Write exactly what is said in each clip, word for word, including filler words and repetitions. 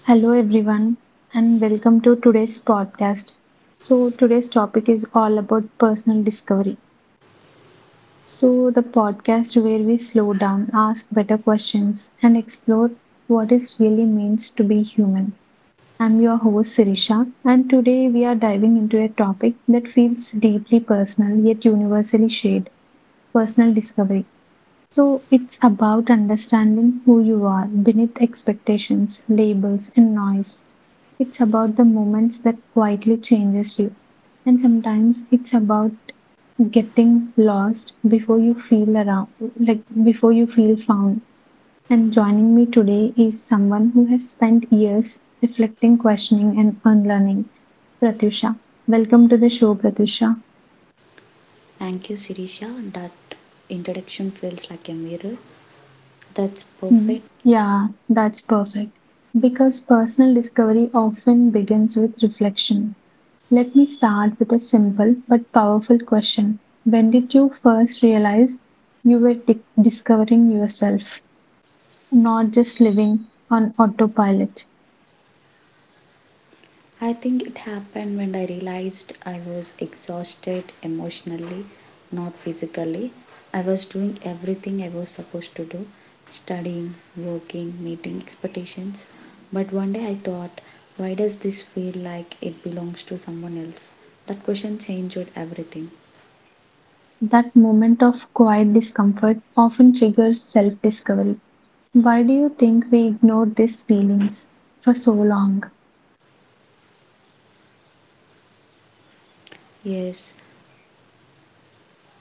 Hello, everyone, and welcome to today's podcast. So, today's topic is all about personal discovery. So, the podcast where we slow down, ask better questions, and explore what it really means to be human. I'm your host, Sirisha, and today we are diving into a topic that feels deeply personal yet universally shared personal discovery. So it's about understanding who you are beneath expectations, labels, and noise. It's about the moments that quietly changes you. And sometimes it's about getting lost before you feel around, like before you feel found. And joining me today is someone who has spent years reflecting, questioning, and unlearning. Pratusha. Welcome to the show, Pratusha. Thank you, Sirisha. That introduction feels like a mirror. That's Hmm. perfect. Yeah, that's perfect. Because personal discovery often begins with reflection. Let me start with a simple but powerful question. When did you first realize you were di- discovering yourself, not just living on autopilot? I think it happened when I realized I was exhausted emotionally, not physically. I was doing everything I was supposed to do studying, working, meeting expectations. But one day I thought, why does this feel like it belongs to someone else? That question changed everything. That moment of quiet discomfort often triggers self discovery. Why do you think we ignore these feelings for so long? Yes,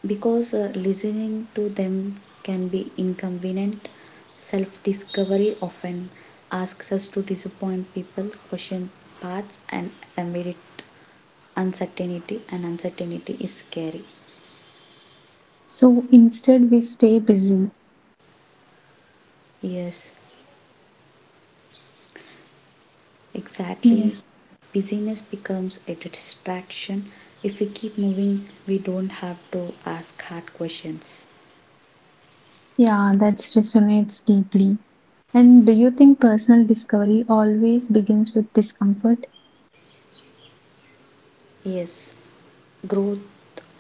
because uh, listening to them can be inconvenient. Self discovery often asks us to disappoint people, question paths, and admit uncertainty, and uncertainty is scary. So instead, we stay busy. Yes, Yeah. exactly. Busyness becomes a distraction. If we keep moving, we don't have to ask hard questions. Yeah, that resonates deeply. And do you think personal discovery always begins with discomfort? Yes, growth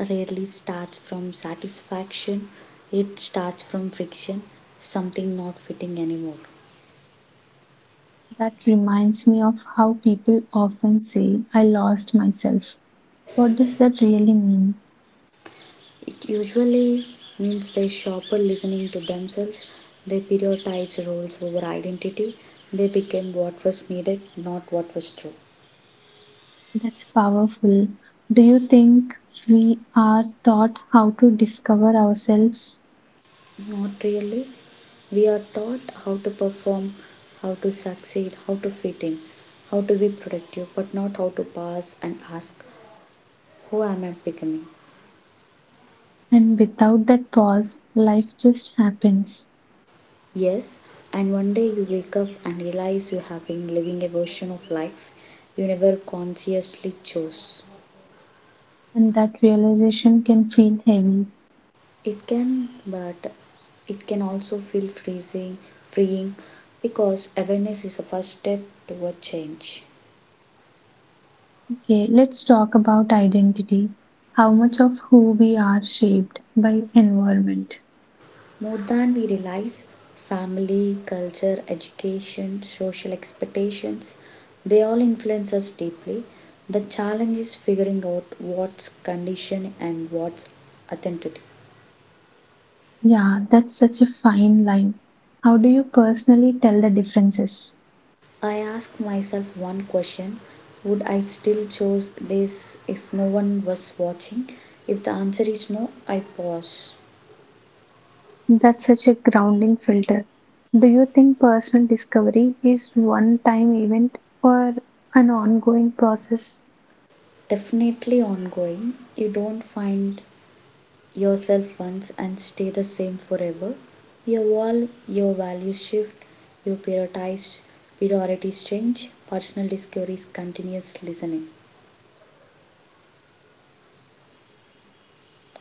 rarely starts from satisfaction, it starts from friction, something not fitting anymore. That reminds me of how people often say, I lost myself. What does that really mean? It usually means they stop listening to themselves, they prioritize roles over identity, they became what was needed, not what was true. That's powerful. Do you think we are taught how to discover ourselves? Not really. We are taught how to perform, how to succeed, how to fit in, how to be productive, but not how to pause and ask, who am I becoming? And without that pause, life just happens. Yes, and one day you wake up and realize you have been living a version of life you never consciously chose. And that realization can feel heavy. It can, but it can also feel freezing, freeing, because awareness is the first step toward change. Okay, let's talk about identity. How much of who we are shaped by environment? More than we realize, family, culture, education, social expectations, they all influence us deeply. The challenge is figuring out what's conditioned and what's authentic. Yeah, that's such a fine line. How do you personally tell the differences? I ask myself one question: would I still choose this if no one was watching? If the answer is no, I pause. That's such a grounding filter. Do you think personal discovery is one time event or an ongoing process? Definitely ongoing. You don't find yourself once and stay the same forever. You evolve, your values shift, your prioritize, priorities change. Personal discovery is continuous listening.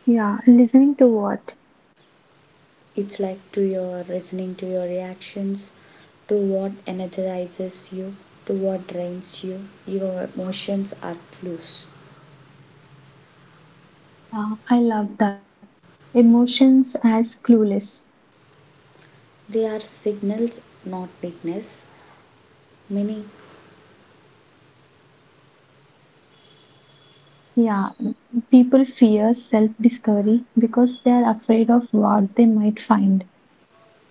Yeah, listening to what? It's like to your listening to your reactions, to what energizes you, to what drains you. Your emotions are clues. Yeah, I love that. Emotions as clueless. They are signals, not weakness meaning. Yeah, m- people fear self discovery because they are afraid of what they might find.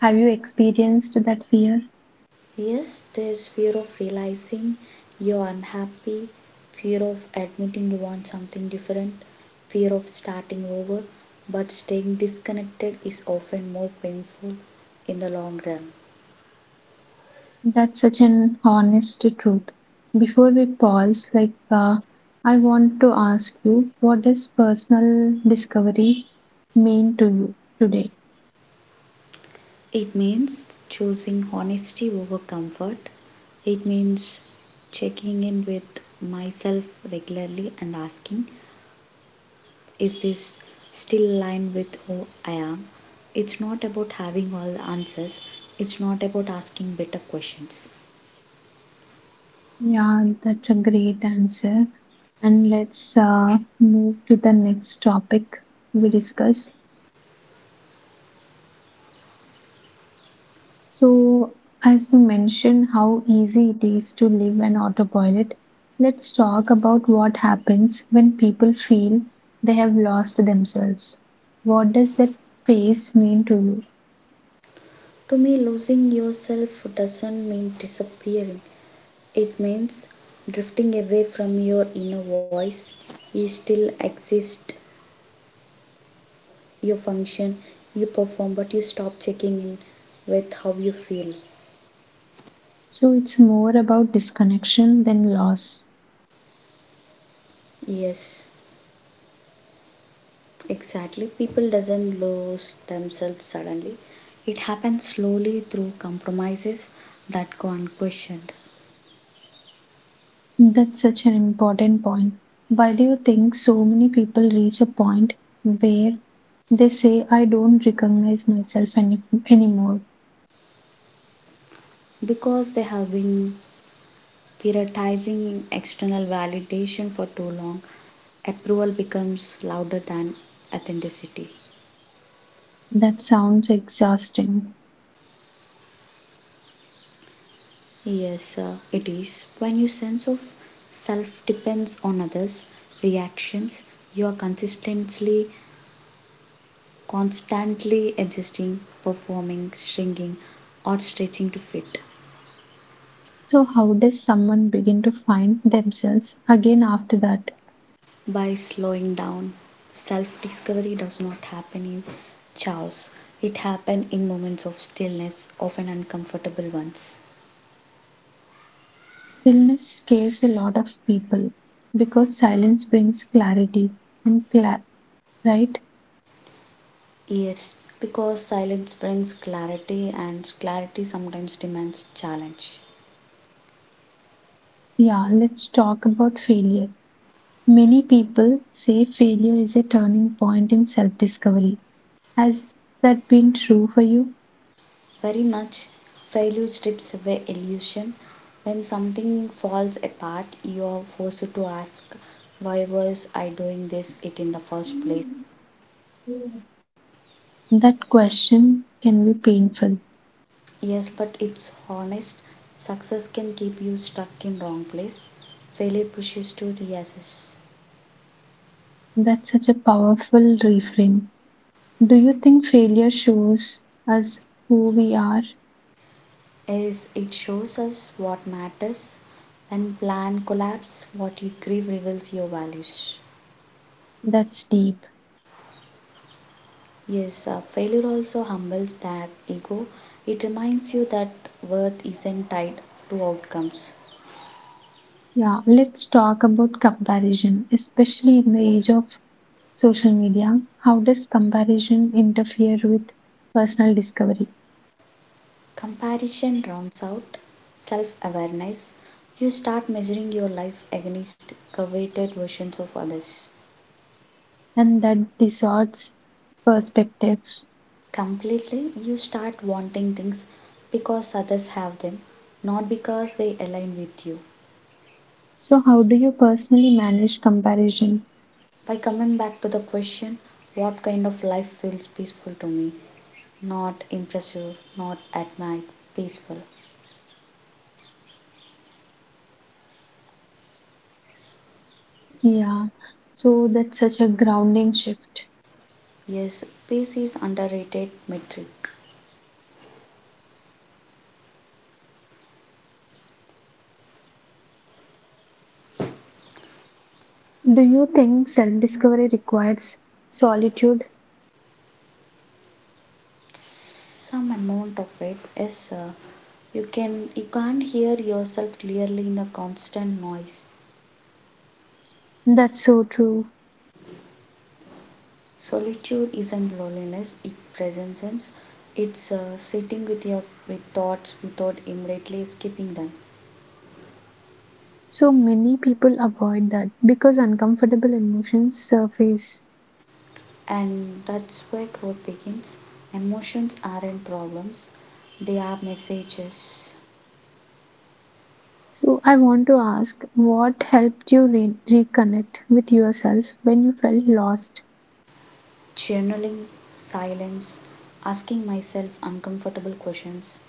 Have you experienced that fear? Yes, there's fear of realizing you're unhappy, fear of admitting you want something different, fear of starting over, but staying disconnected is often more painful in the long run. That's such an honest truth. Before we pause, like, uh, I want to ask you what does personal discovery mean to you today? It means choosing honesty over comfort. It means checking in with myself regularly and asking, is this still aligned with who I am? It's not about having all the answers, it's not about asking better questions. Yeah, that's a great answer. And let's uh, move to the next topic we discuss. So, as we mentioned how easy it is to live an autopilot, let's talk about what happens when people feel they have lost themselves. What does that phase mean to you? To me, losing yourself doesn't mean disappearing. It means drifting away from your inner voice. You still exist, you function, you perform, but you stop checking in with how you feel. So, it's more about disconnection than loss. Yes, exactly. People doesn't lose themselves suddenly. It happens slowly through compromises that go unquestioned That's such an important point. Why do you think so many people reach a point where they say, I don't recognize myself any- anymore? because they have been prioritizing external validation for too long. Approval becomes louder than authenticity. That sounds exhausting. Yes, uh, it is. When your sense of self depends on others' reactions, you are consistently, constantly adjusting, performing, shrinking, or stretching to fit. So, how does someone begin to find themselves again after that? By slowing down, self discovery does not happen in chaos, it happens in moments of stillness, often uncomfortable ones. Stillness scares a lot of people because silence brings clarity and cla right? Yes, because silence brings clarity, and clarity sometimes demands challenge. Yeah, let's talk about failure. Many people say failure is a turning point in self-discovery. Has that been true for you? Very much failure strips away illusion. When something falls apart, you are forced to ask, why was I doing this it in the first place? That question can be painful. Yes, but it's honest. Success can keep you stuck in wrong place. Failure pushes to reassess. That's such a powerful reframe. Do you think failure shows us who we are? As it shows us what matters. When plan collapse, what you grieve reveals your values. That's deep. Yes, uh, failure also humbles that ego. It reminds you that worth isn't tied to outcomes. Yeah, let's talk about comparison, especially in the age of social media. How does comparison interfere with personal discovery? Comparison rounds out self awareness. You start measuring your life against coveted versions of others. And that distorts perspective. Completely, you start wanting things because others have them, not because they align with you. So, how do you personally manage comparison? By coming back to the question, what kind of life feels peaceful to me? Not impressive, not admired, peaceful. Yeah, so that's such a grounding shift. Yes, this is underrated metric. Do you think self discovery requires solitude? Some amount of it is uh, you can you can't hear yourself clearly in the constant noise. That's so true. Solitude isn't loneliness; it presence. It's uh, sitting with your with thoughts without immediately escaping them, So many people avoid that because uncomfortable emotions surface. and that's where growth begins. Emotions aren't problems; they are messages. So I want to ask what helped you re- reconnect with yourself when you felt lost? Journaling, silence, asking myself uncomfortable questions,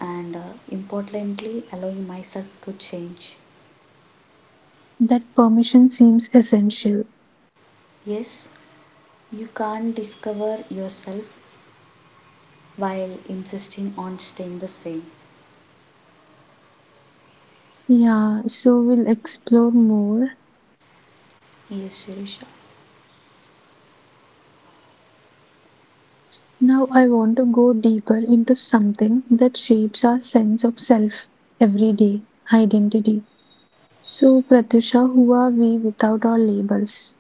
and uh, importantly, allowing myself to change. That permission seems essential. Yes, you can't discover yourself while insisting on staying the same. Yeah, so we'll explore more. Yes, Sirisha. Now I want to go deeper into something that shapes our sense of self every day identity. So, Pratusha, who are we without our labels?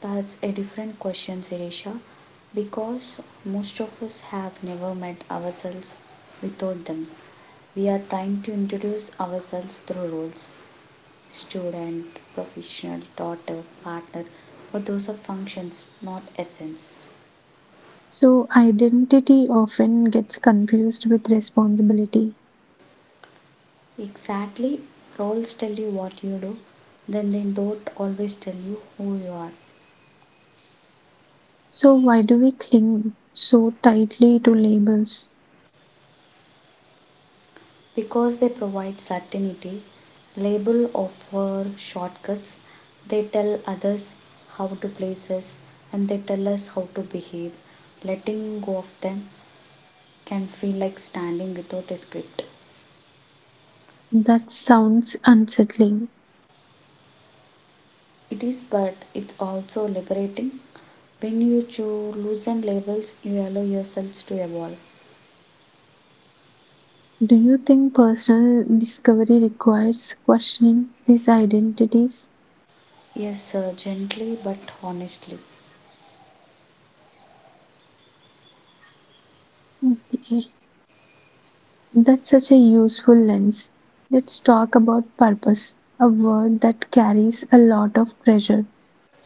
That's a different question, Sirisha, because most of us have never met ourselves without them. We are trying to introduce ourselves through roles, student, professional, daughter, partner, but those are functions, not essence. So, identity often gets confused with responsibility. Exactly, roles tell you what you do, then they don't always tell you who you are. So, why do we cling so tightly to labels? Because they provide certainty, label offer shortcuts, they tell others how to place us and they tell us how to behave. Letting go of them can feel like standing without a script. That sounds unsettling. It is, but it's also liberating. When you chew, loosen labels, you allow yourselves to evolve. Do you think personal discovery requires questioning these identities? Yes, uh, gently but honestly. Okay, that's such a useful lens. Let's talk about purpose, a word that carries a lot of pressure.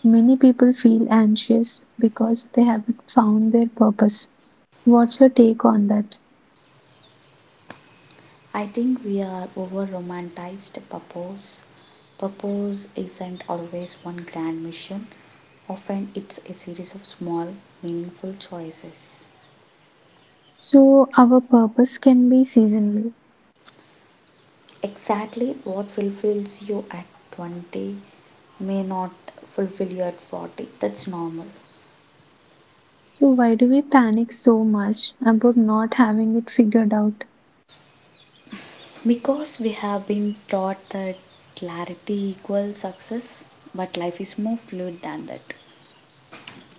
Many people feel anxious because they haven't found their purpose. What's your take on that? I think we are over romanticized purpose. Purpose isn't always one grand mission, often, it's a series of small, meaningful choices. So, our purpose can be seasonal. Exactly what fulfills you at twenty may not fulfill you at forty. That's normal. So, why do we panic so much about not having it figured out? Because we have been taught that clarity equals success, but life is more fluid than that.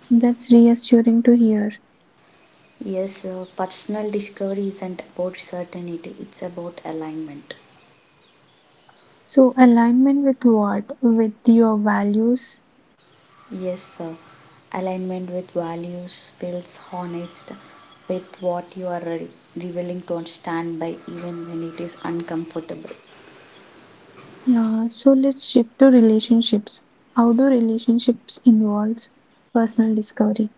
That's reassuring to hear. Yes, uh, personal discovery isn't about certainty, it's about alignment. So, alignment with what? With your values. Yes, uh, alignment with values feels honest with what you are re- revealing to stand by, even when it is uncomfortable. Yeah, so let's shift to relationships. How do relationships involves personal discovery?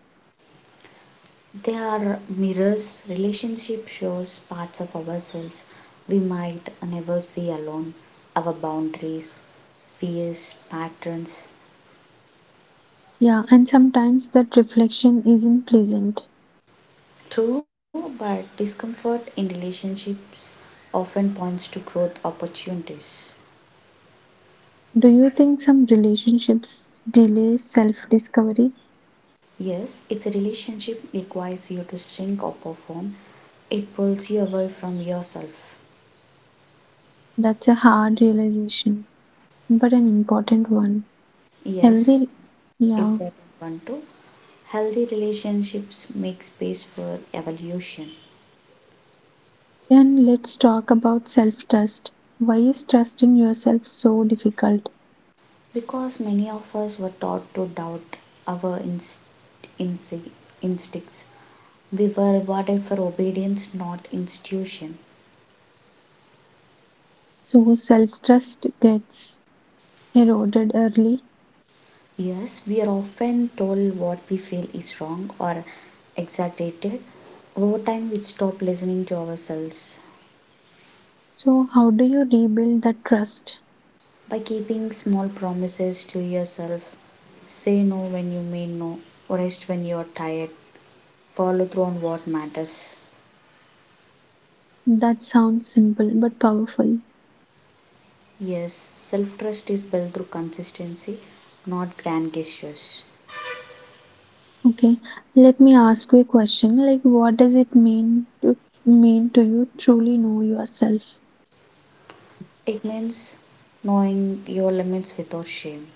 They are mirrors. Relationship shows parts of ourselves we might never see alone. Our boundaries, fears, patterns. Yeah, and sometimes that reflection isn't pleasant. True, but discomfort in relationships often points to growth opportunities. Do you think some relationships delay self discovery? Yes, it's a relationship requires you to shrink or perform. It pulls you away from yourself. That's a hard realization, but an important one. Yes, Healthy, yeah. important one too. Healthy relationships make space for evolution. And let's talk about self trust. Why is trusting yourself so difficult? Because many of us were taught to doubt our inst- insi- instincts. We were rewarded for obedience, not institution. So, self trust gets eroded early. Yes, we are often told what we feel is wrong or exaggerated. Over time, we stop listening to ourselves. So, how do you rebuild that trust? By keeping small promises to yourself, say no when you mean no, rest when you are tired, follow through on what matters. That sounds simple but powerful. Yes, self trust is built through consistency, not grand gestures. Okay, let me ask you a question. Like, what does it mean to mean to you truly know yourself? It means knowing your limits without shame,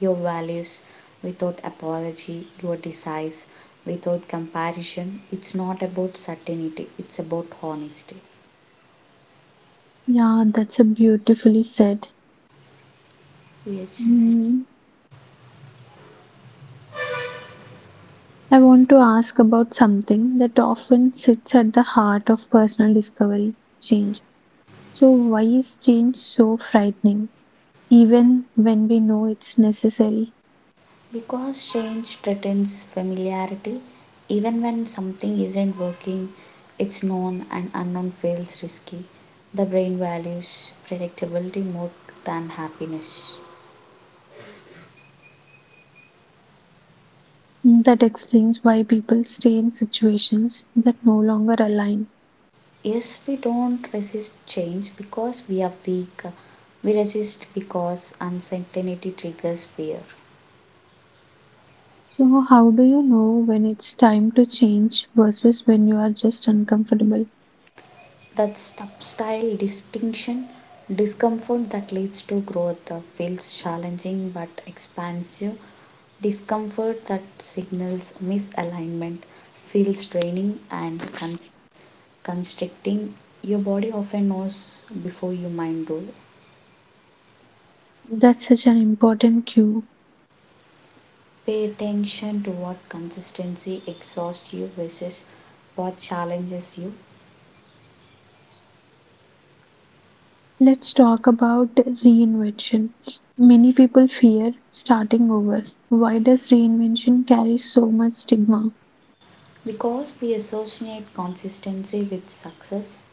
your values without apology, your desires without comparison. It's not about certainty, it's about honesty. Yeah, that's a beautifully said. Yes, Mm, I want to ask about something that often sits at the heart of personal discovery, change. So, why is change so frightening, even when we know it's necessary? because change threatens familiarity, even when something isn't working, it's known and unknown feels risky. The brain values predictability more than happiness. Mm, that explains why people stay in situations that no longer align. Yes, we don't resist change because we are weak. We resist because uncertainty triggers fear. So, how do you know when it's time to change versus when you are just uncomfortable? That subtle distinction discomfort that leads to growth uh, feels challenging but expansive. Discomfort that signals misalignment feels draining and const- constricting. Your body often knows before your mind does. That's such an important cue. Pay attention to what consistency exhausts you versus what challenges you. Let's talk about reinvention. Many people fear starting over. Why does reinvention carry so much stigma? Because we associate consistency with success,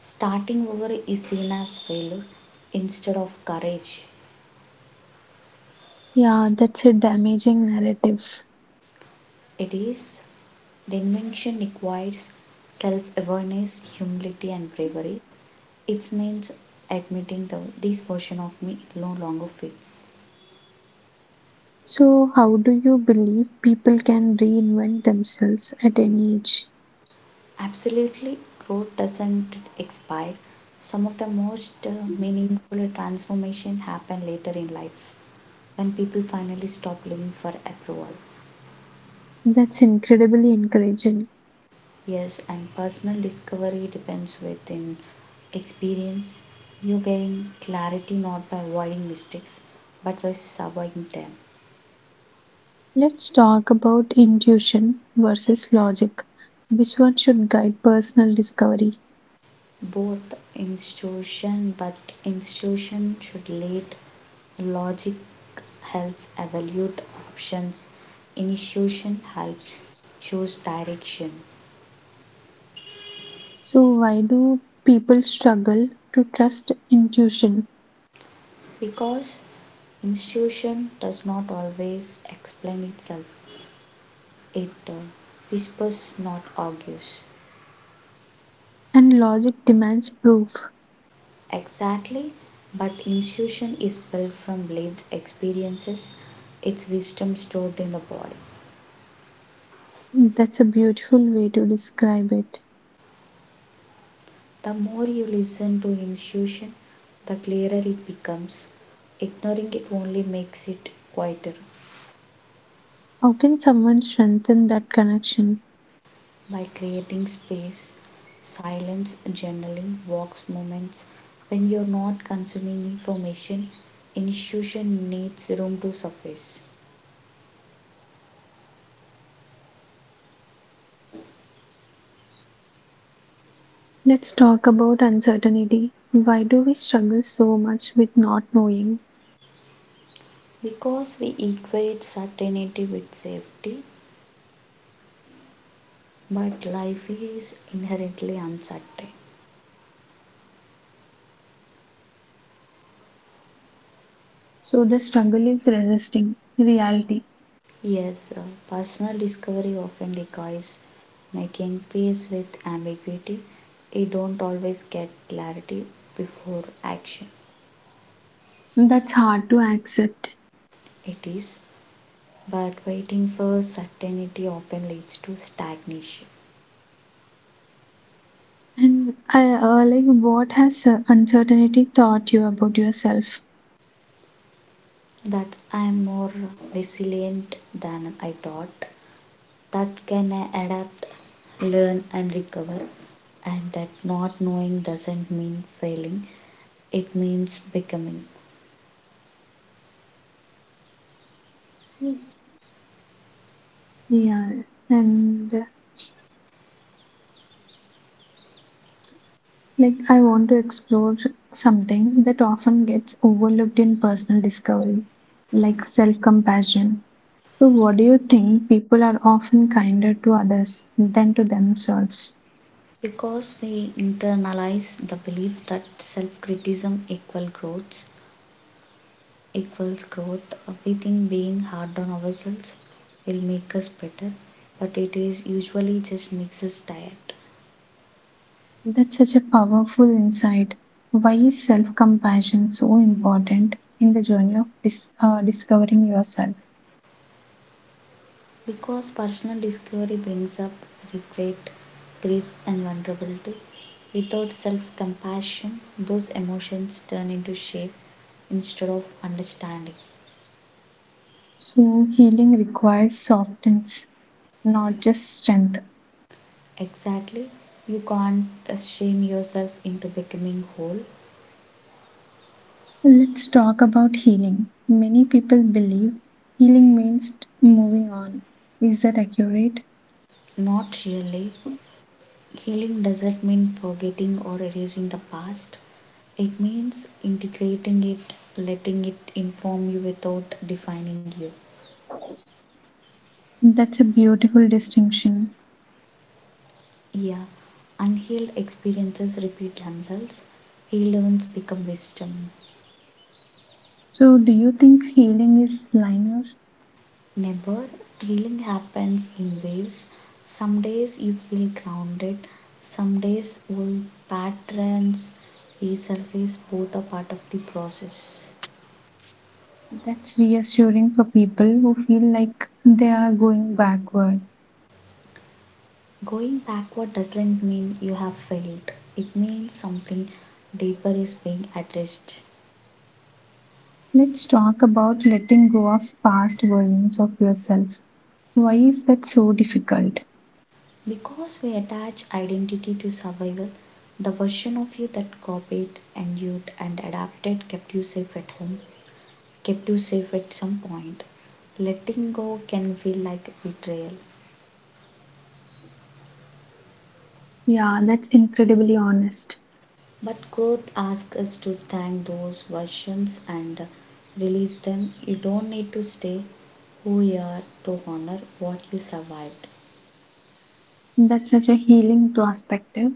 starting over is seen as failure instead of courage. Yeah, that's a damaging narrative. It is the invention requires self awareness, humility, and bravery. It means admitting that this version of me no longer fits. So, how do you believe people can reinvent themselves at any age? Absolutely, growth doesn't expire. Some of the most uh, meaningful transformation happen later in life when people finally stop living for approval. That's incredibly encouraging. Yes, and personal discovery depends within experience. You gain clarity not by avoiding mistakes, but by surviving them. Let's talk about intuition versus logic. Which one should guide personal discovery? Both institution, but institution should lead logic helps evaluate options. Institution helps choose direction So, why do people struggle to trust intuition? because institution does not always explain itself. It uh, whispers, not argues. And logic demands proof. Exactly, but institution is built from lived experiences, its wisdom stored in the body. That's a beautiful way to describe it. The more you listen to institution, the clearer it becomes. Ignoring it only makes it quieter. How can someone strengthen that connection? By creating space, silence, journaling, walks moments, when you're not consuming information, institution needs room to surface. Let's talk about uncertainty. Why do we struggle so much with not knowing? Because we equate certainty with safety, but life is inherently uncertain. So, the struggle is resisting reality. Yes, uh, personal discovery often requires making peace with ambiguity. You don't always get clarity before action. That's hard to accept. It is, but waiting for certainty often leads to stagnation. And I uh, like what has uh, uncertainty taught you about yourself? That I am more resilient than I thought, that can I adapt, learn, and recover, and that not knowing doesn't mean failing it means becoming. Yeah, and uh, like I want to explore something that often gets overlooked in personal discovery, like self compassion. So, what do you think people are often kinder to others than to themselves? Because we internalize the belief that self criticism equal growth equals growth, uh, we think being hard on ourselves will make us better, but it is usually just makes us tired. That's such a powerful insight. Why is self compassion so important in the journey of dis- uh, discovering yourself? Because personal discovery brings up regret, grief, and vulnerability. Without self compassion, those emotions turn into shame instead of understanding. So, healing requires softness, not just strength. Exactly. You can't uh, shame yourself into becoming whole. Let's talk about healing. Many people believe healing means t- moving on. Is that accurate? Not really. Healing doesn't mean forgetting or erasing the past. It means integrating it, letting it inform you without defining you. That's a beautiful distinction. Yeah, unhealed experiences repeat themselves. Healed ones become wisdom. So, do you think healing is linear? Never healing happens in waves. Some days you feel grounded, some days old patterns resurface, both are part of the process. That's reassuring for people who feel like they are going backward. Going backward doesn't mean you have failed, it means something deeper is being addressed. Let's talk about letting go of past versions of yourself. Why is that so difficult? Because we attach identity to survival, the version of you that copied, endured, and adapted kept you safe at home kept you safe at some point. Letting go can feel like betrayal, Yeah, that's incredibly honest. but growth asks us to thank those versions and release them. You don't need to stay who you are to honor what you survived. That's such a healing perspective.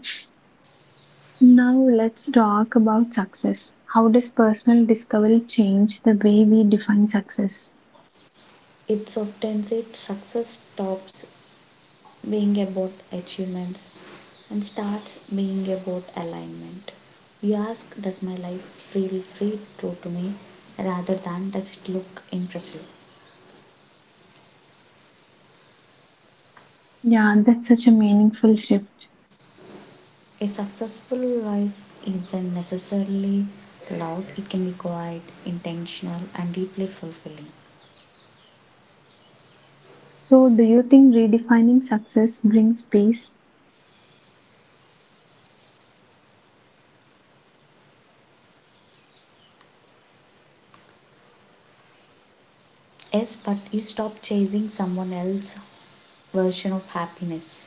Now let's talk about success. How does personal discovery change the way we define success? It's often said success stops being about achievements and starts being about alignment. You ask, does my life feel free true to me rather than does it look impressive? Yeah, that's such a meaningful shift. A successful life isn't necessarily loud, it can be quiet, intentional, and deeply fulfilling. So, do you think redefining success brings peace? Yes, but you stop chasing someone else's version of happiness.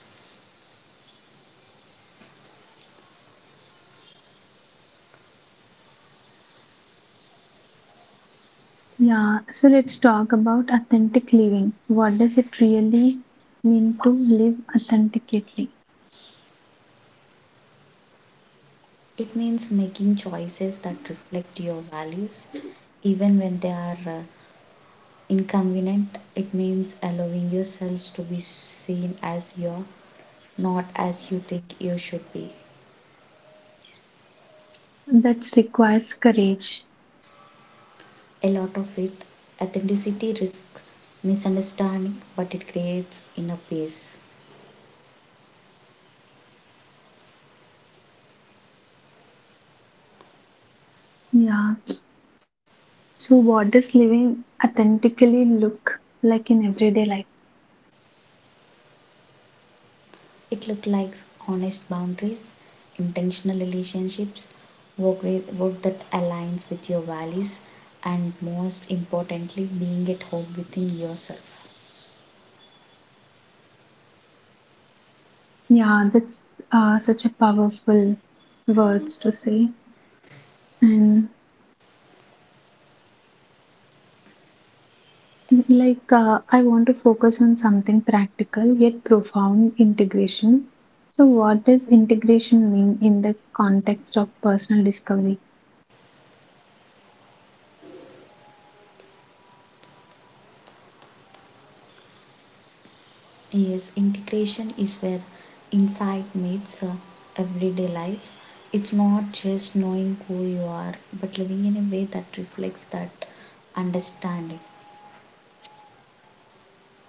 Yeah, so let's talk about authentic living. What does it really mean to live authentically? It means making choices that reflect your values, even when they are uh, inconvenient. It means allowing yourselves to be seen as you are, not as you think you should be. That requires courage. A lot of it. Authenticity risks misunderstanding, but it creates inner peace. Yeah, so what does living authentically look like in everyday life? It looks like honest boundaries, intentional relationships, work, with, work that aligns with your values, and most importantly, being at home within yourself. Yeah, that's uh, such a powerful words to say. And like, uh, I want to focus on something practical yet profound integration. So, what does integration mean in the context of personal discovery? Yes, integration is where insight meets uh, everyday life. It's not just knowing who you are, but living in a way that reflects that understanding.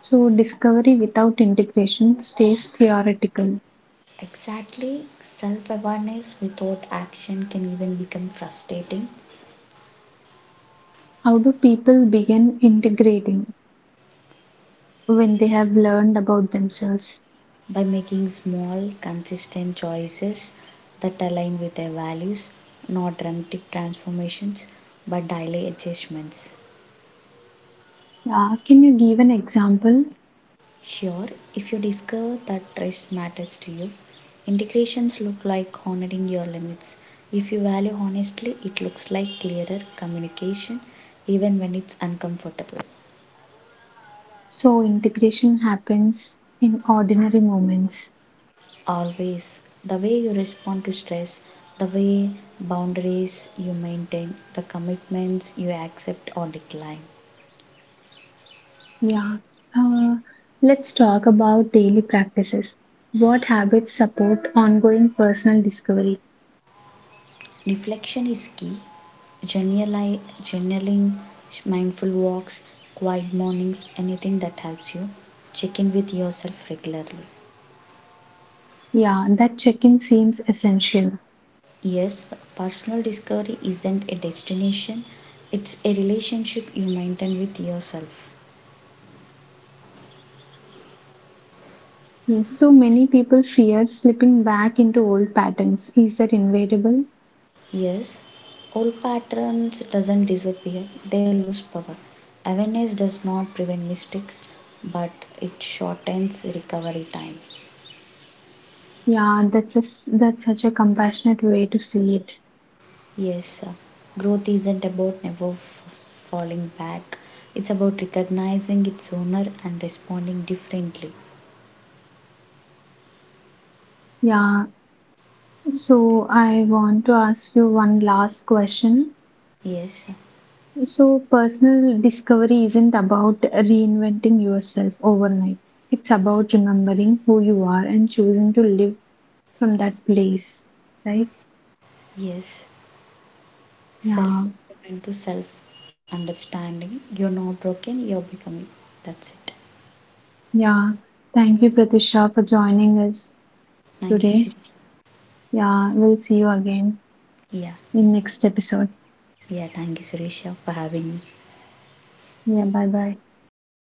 So, discovery without integration stays theoretical. Exactly. Self awareness without action can even become frustrating. How do people begin integrating when they have learned about themselves? By making small, consistent choices that align with their values, not dramatic transformations but daily adjustments. Uh, can you give an example? Sure, if you discover that rest matters to you, integrations look like honoring your limits. If you value honestly, it looks like clearer communication even when it's uncomfortable. So, integration happens in ordinary moments. Always, the way you respond to stress, the way boundaries you maintain, the commitments you accept or decline. Yeah. Uh, let's talk about daily practices. What habits support ongoing personal discovery? Reflection is key. Journali- journaling, mindful walks, quiet mornings, anything that helps you check in with yourself regularly. Yeah, that check in seems essential. Yes, personal discovery isn't a destination, it's a relationship you maintain with yourself. Yes, so many people fear slipping back into old patterns. Is that inevitable? Yes, old patterns doesn't disappear, they lose power. Awareness does not prevent mistakes, but it shortens recovery time. Yeah, that's a, s- that's such a compassionate way to see it. Yes, uh, growth isn't about never f- falling back. It's about recognizing its owner and responding differently. Yeah, so I want to ask you one last question. Yes, uh, So, personal discovery isn't about reinventing yourself overnight. It's about remembering who you are and choosing to live from that place, right? yes. Self Yeah, improvement to self understanding. You're not broken, you're becoming. That's it. yeah. Thank you, Pratisha, for joining us Thank you, today. Suresh. Yeah, we'll see you again Yeah, in next episode. yeah. Thank you, Suresh, for having me. Yeah, bye bye. 拜拜。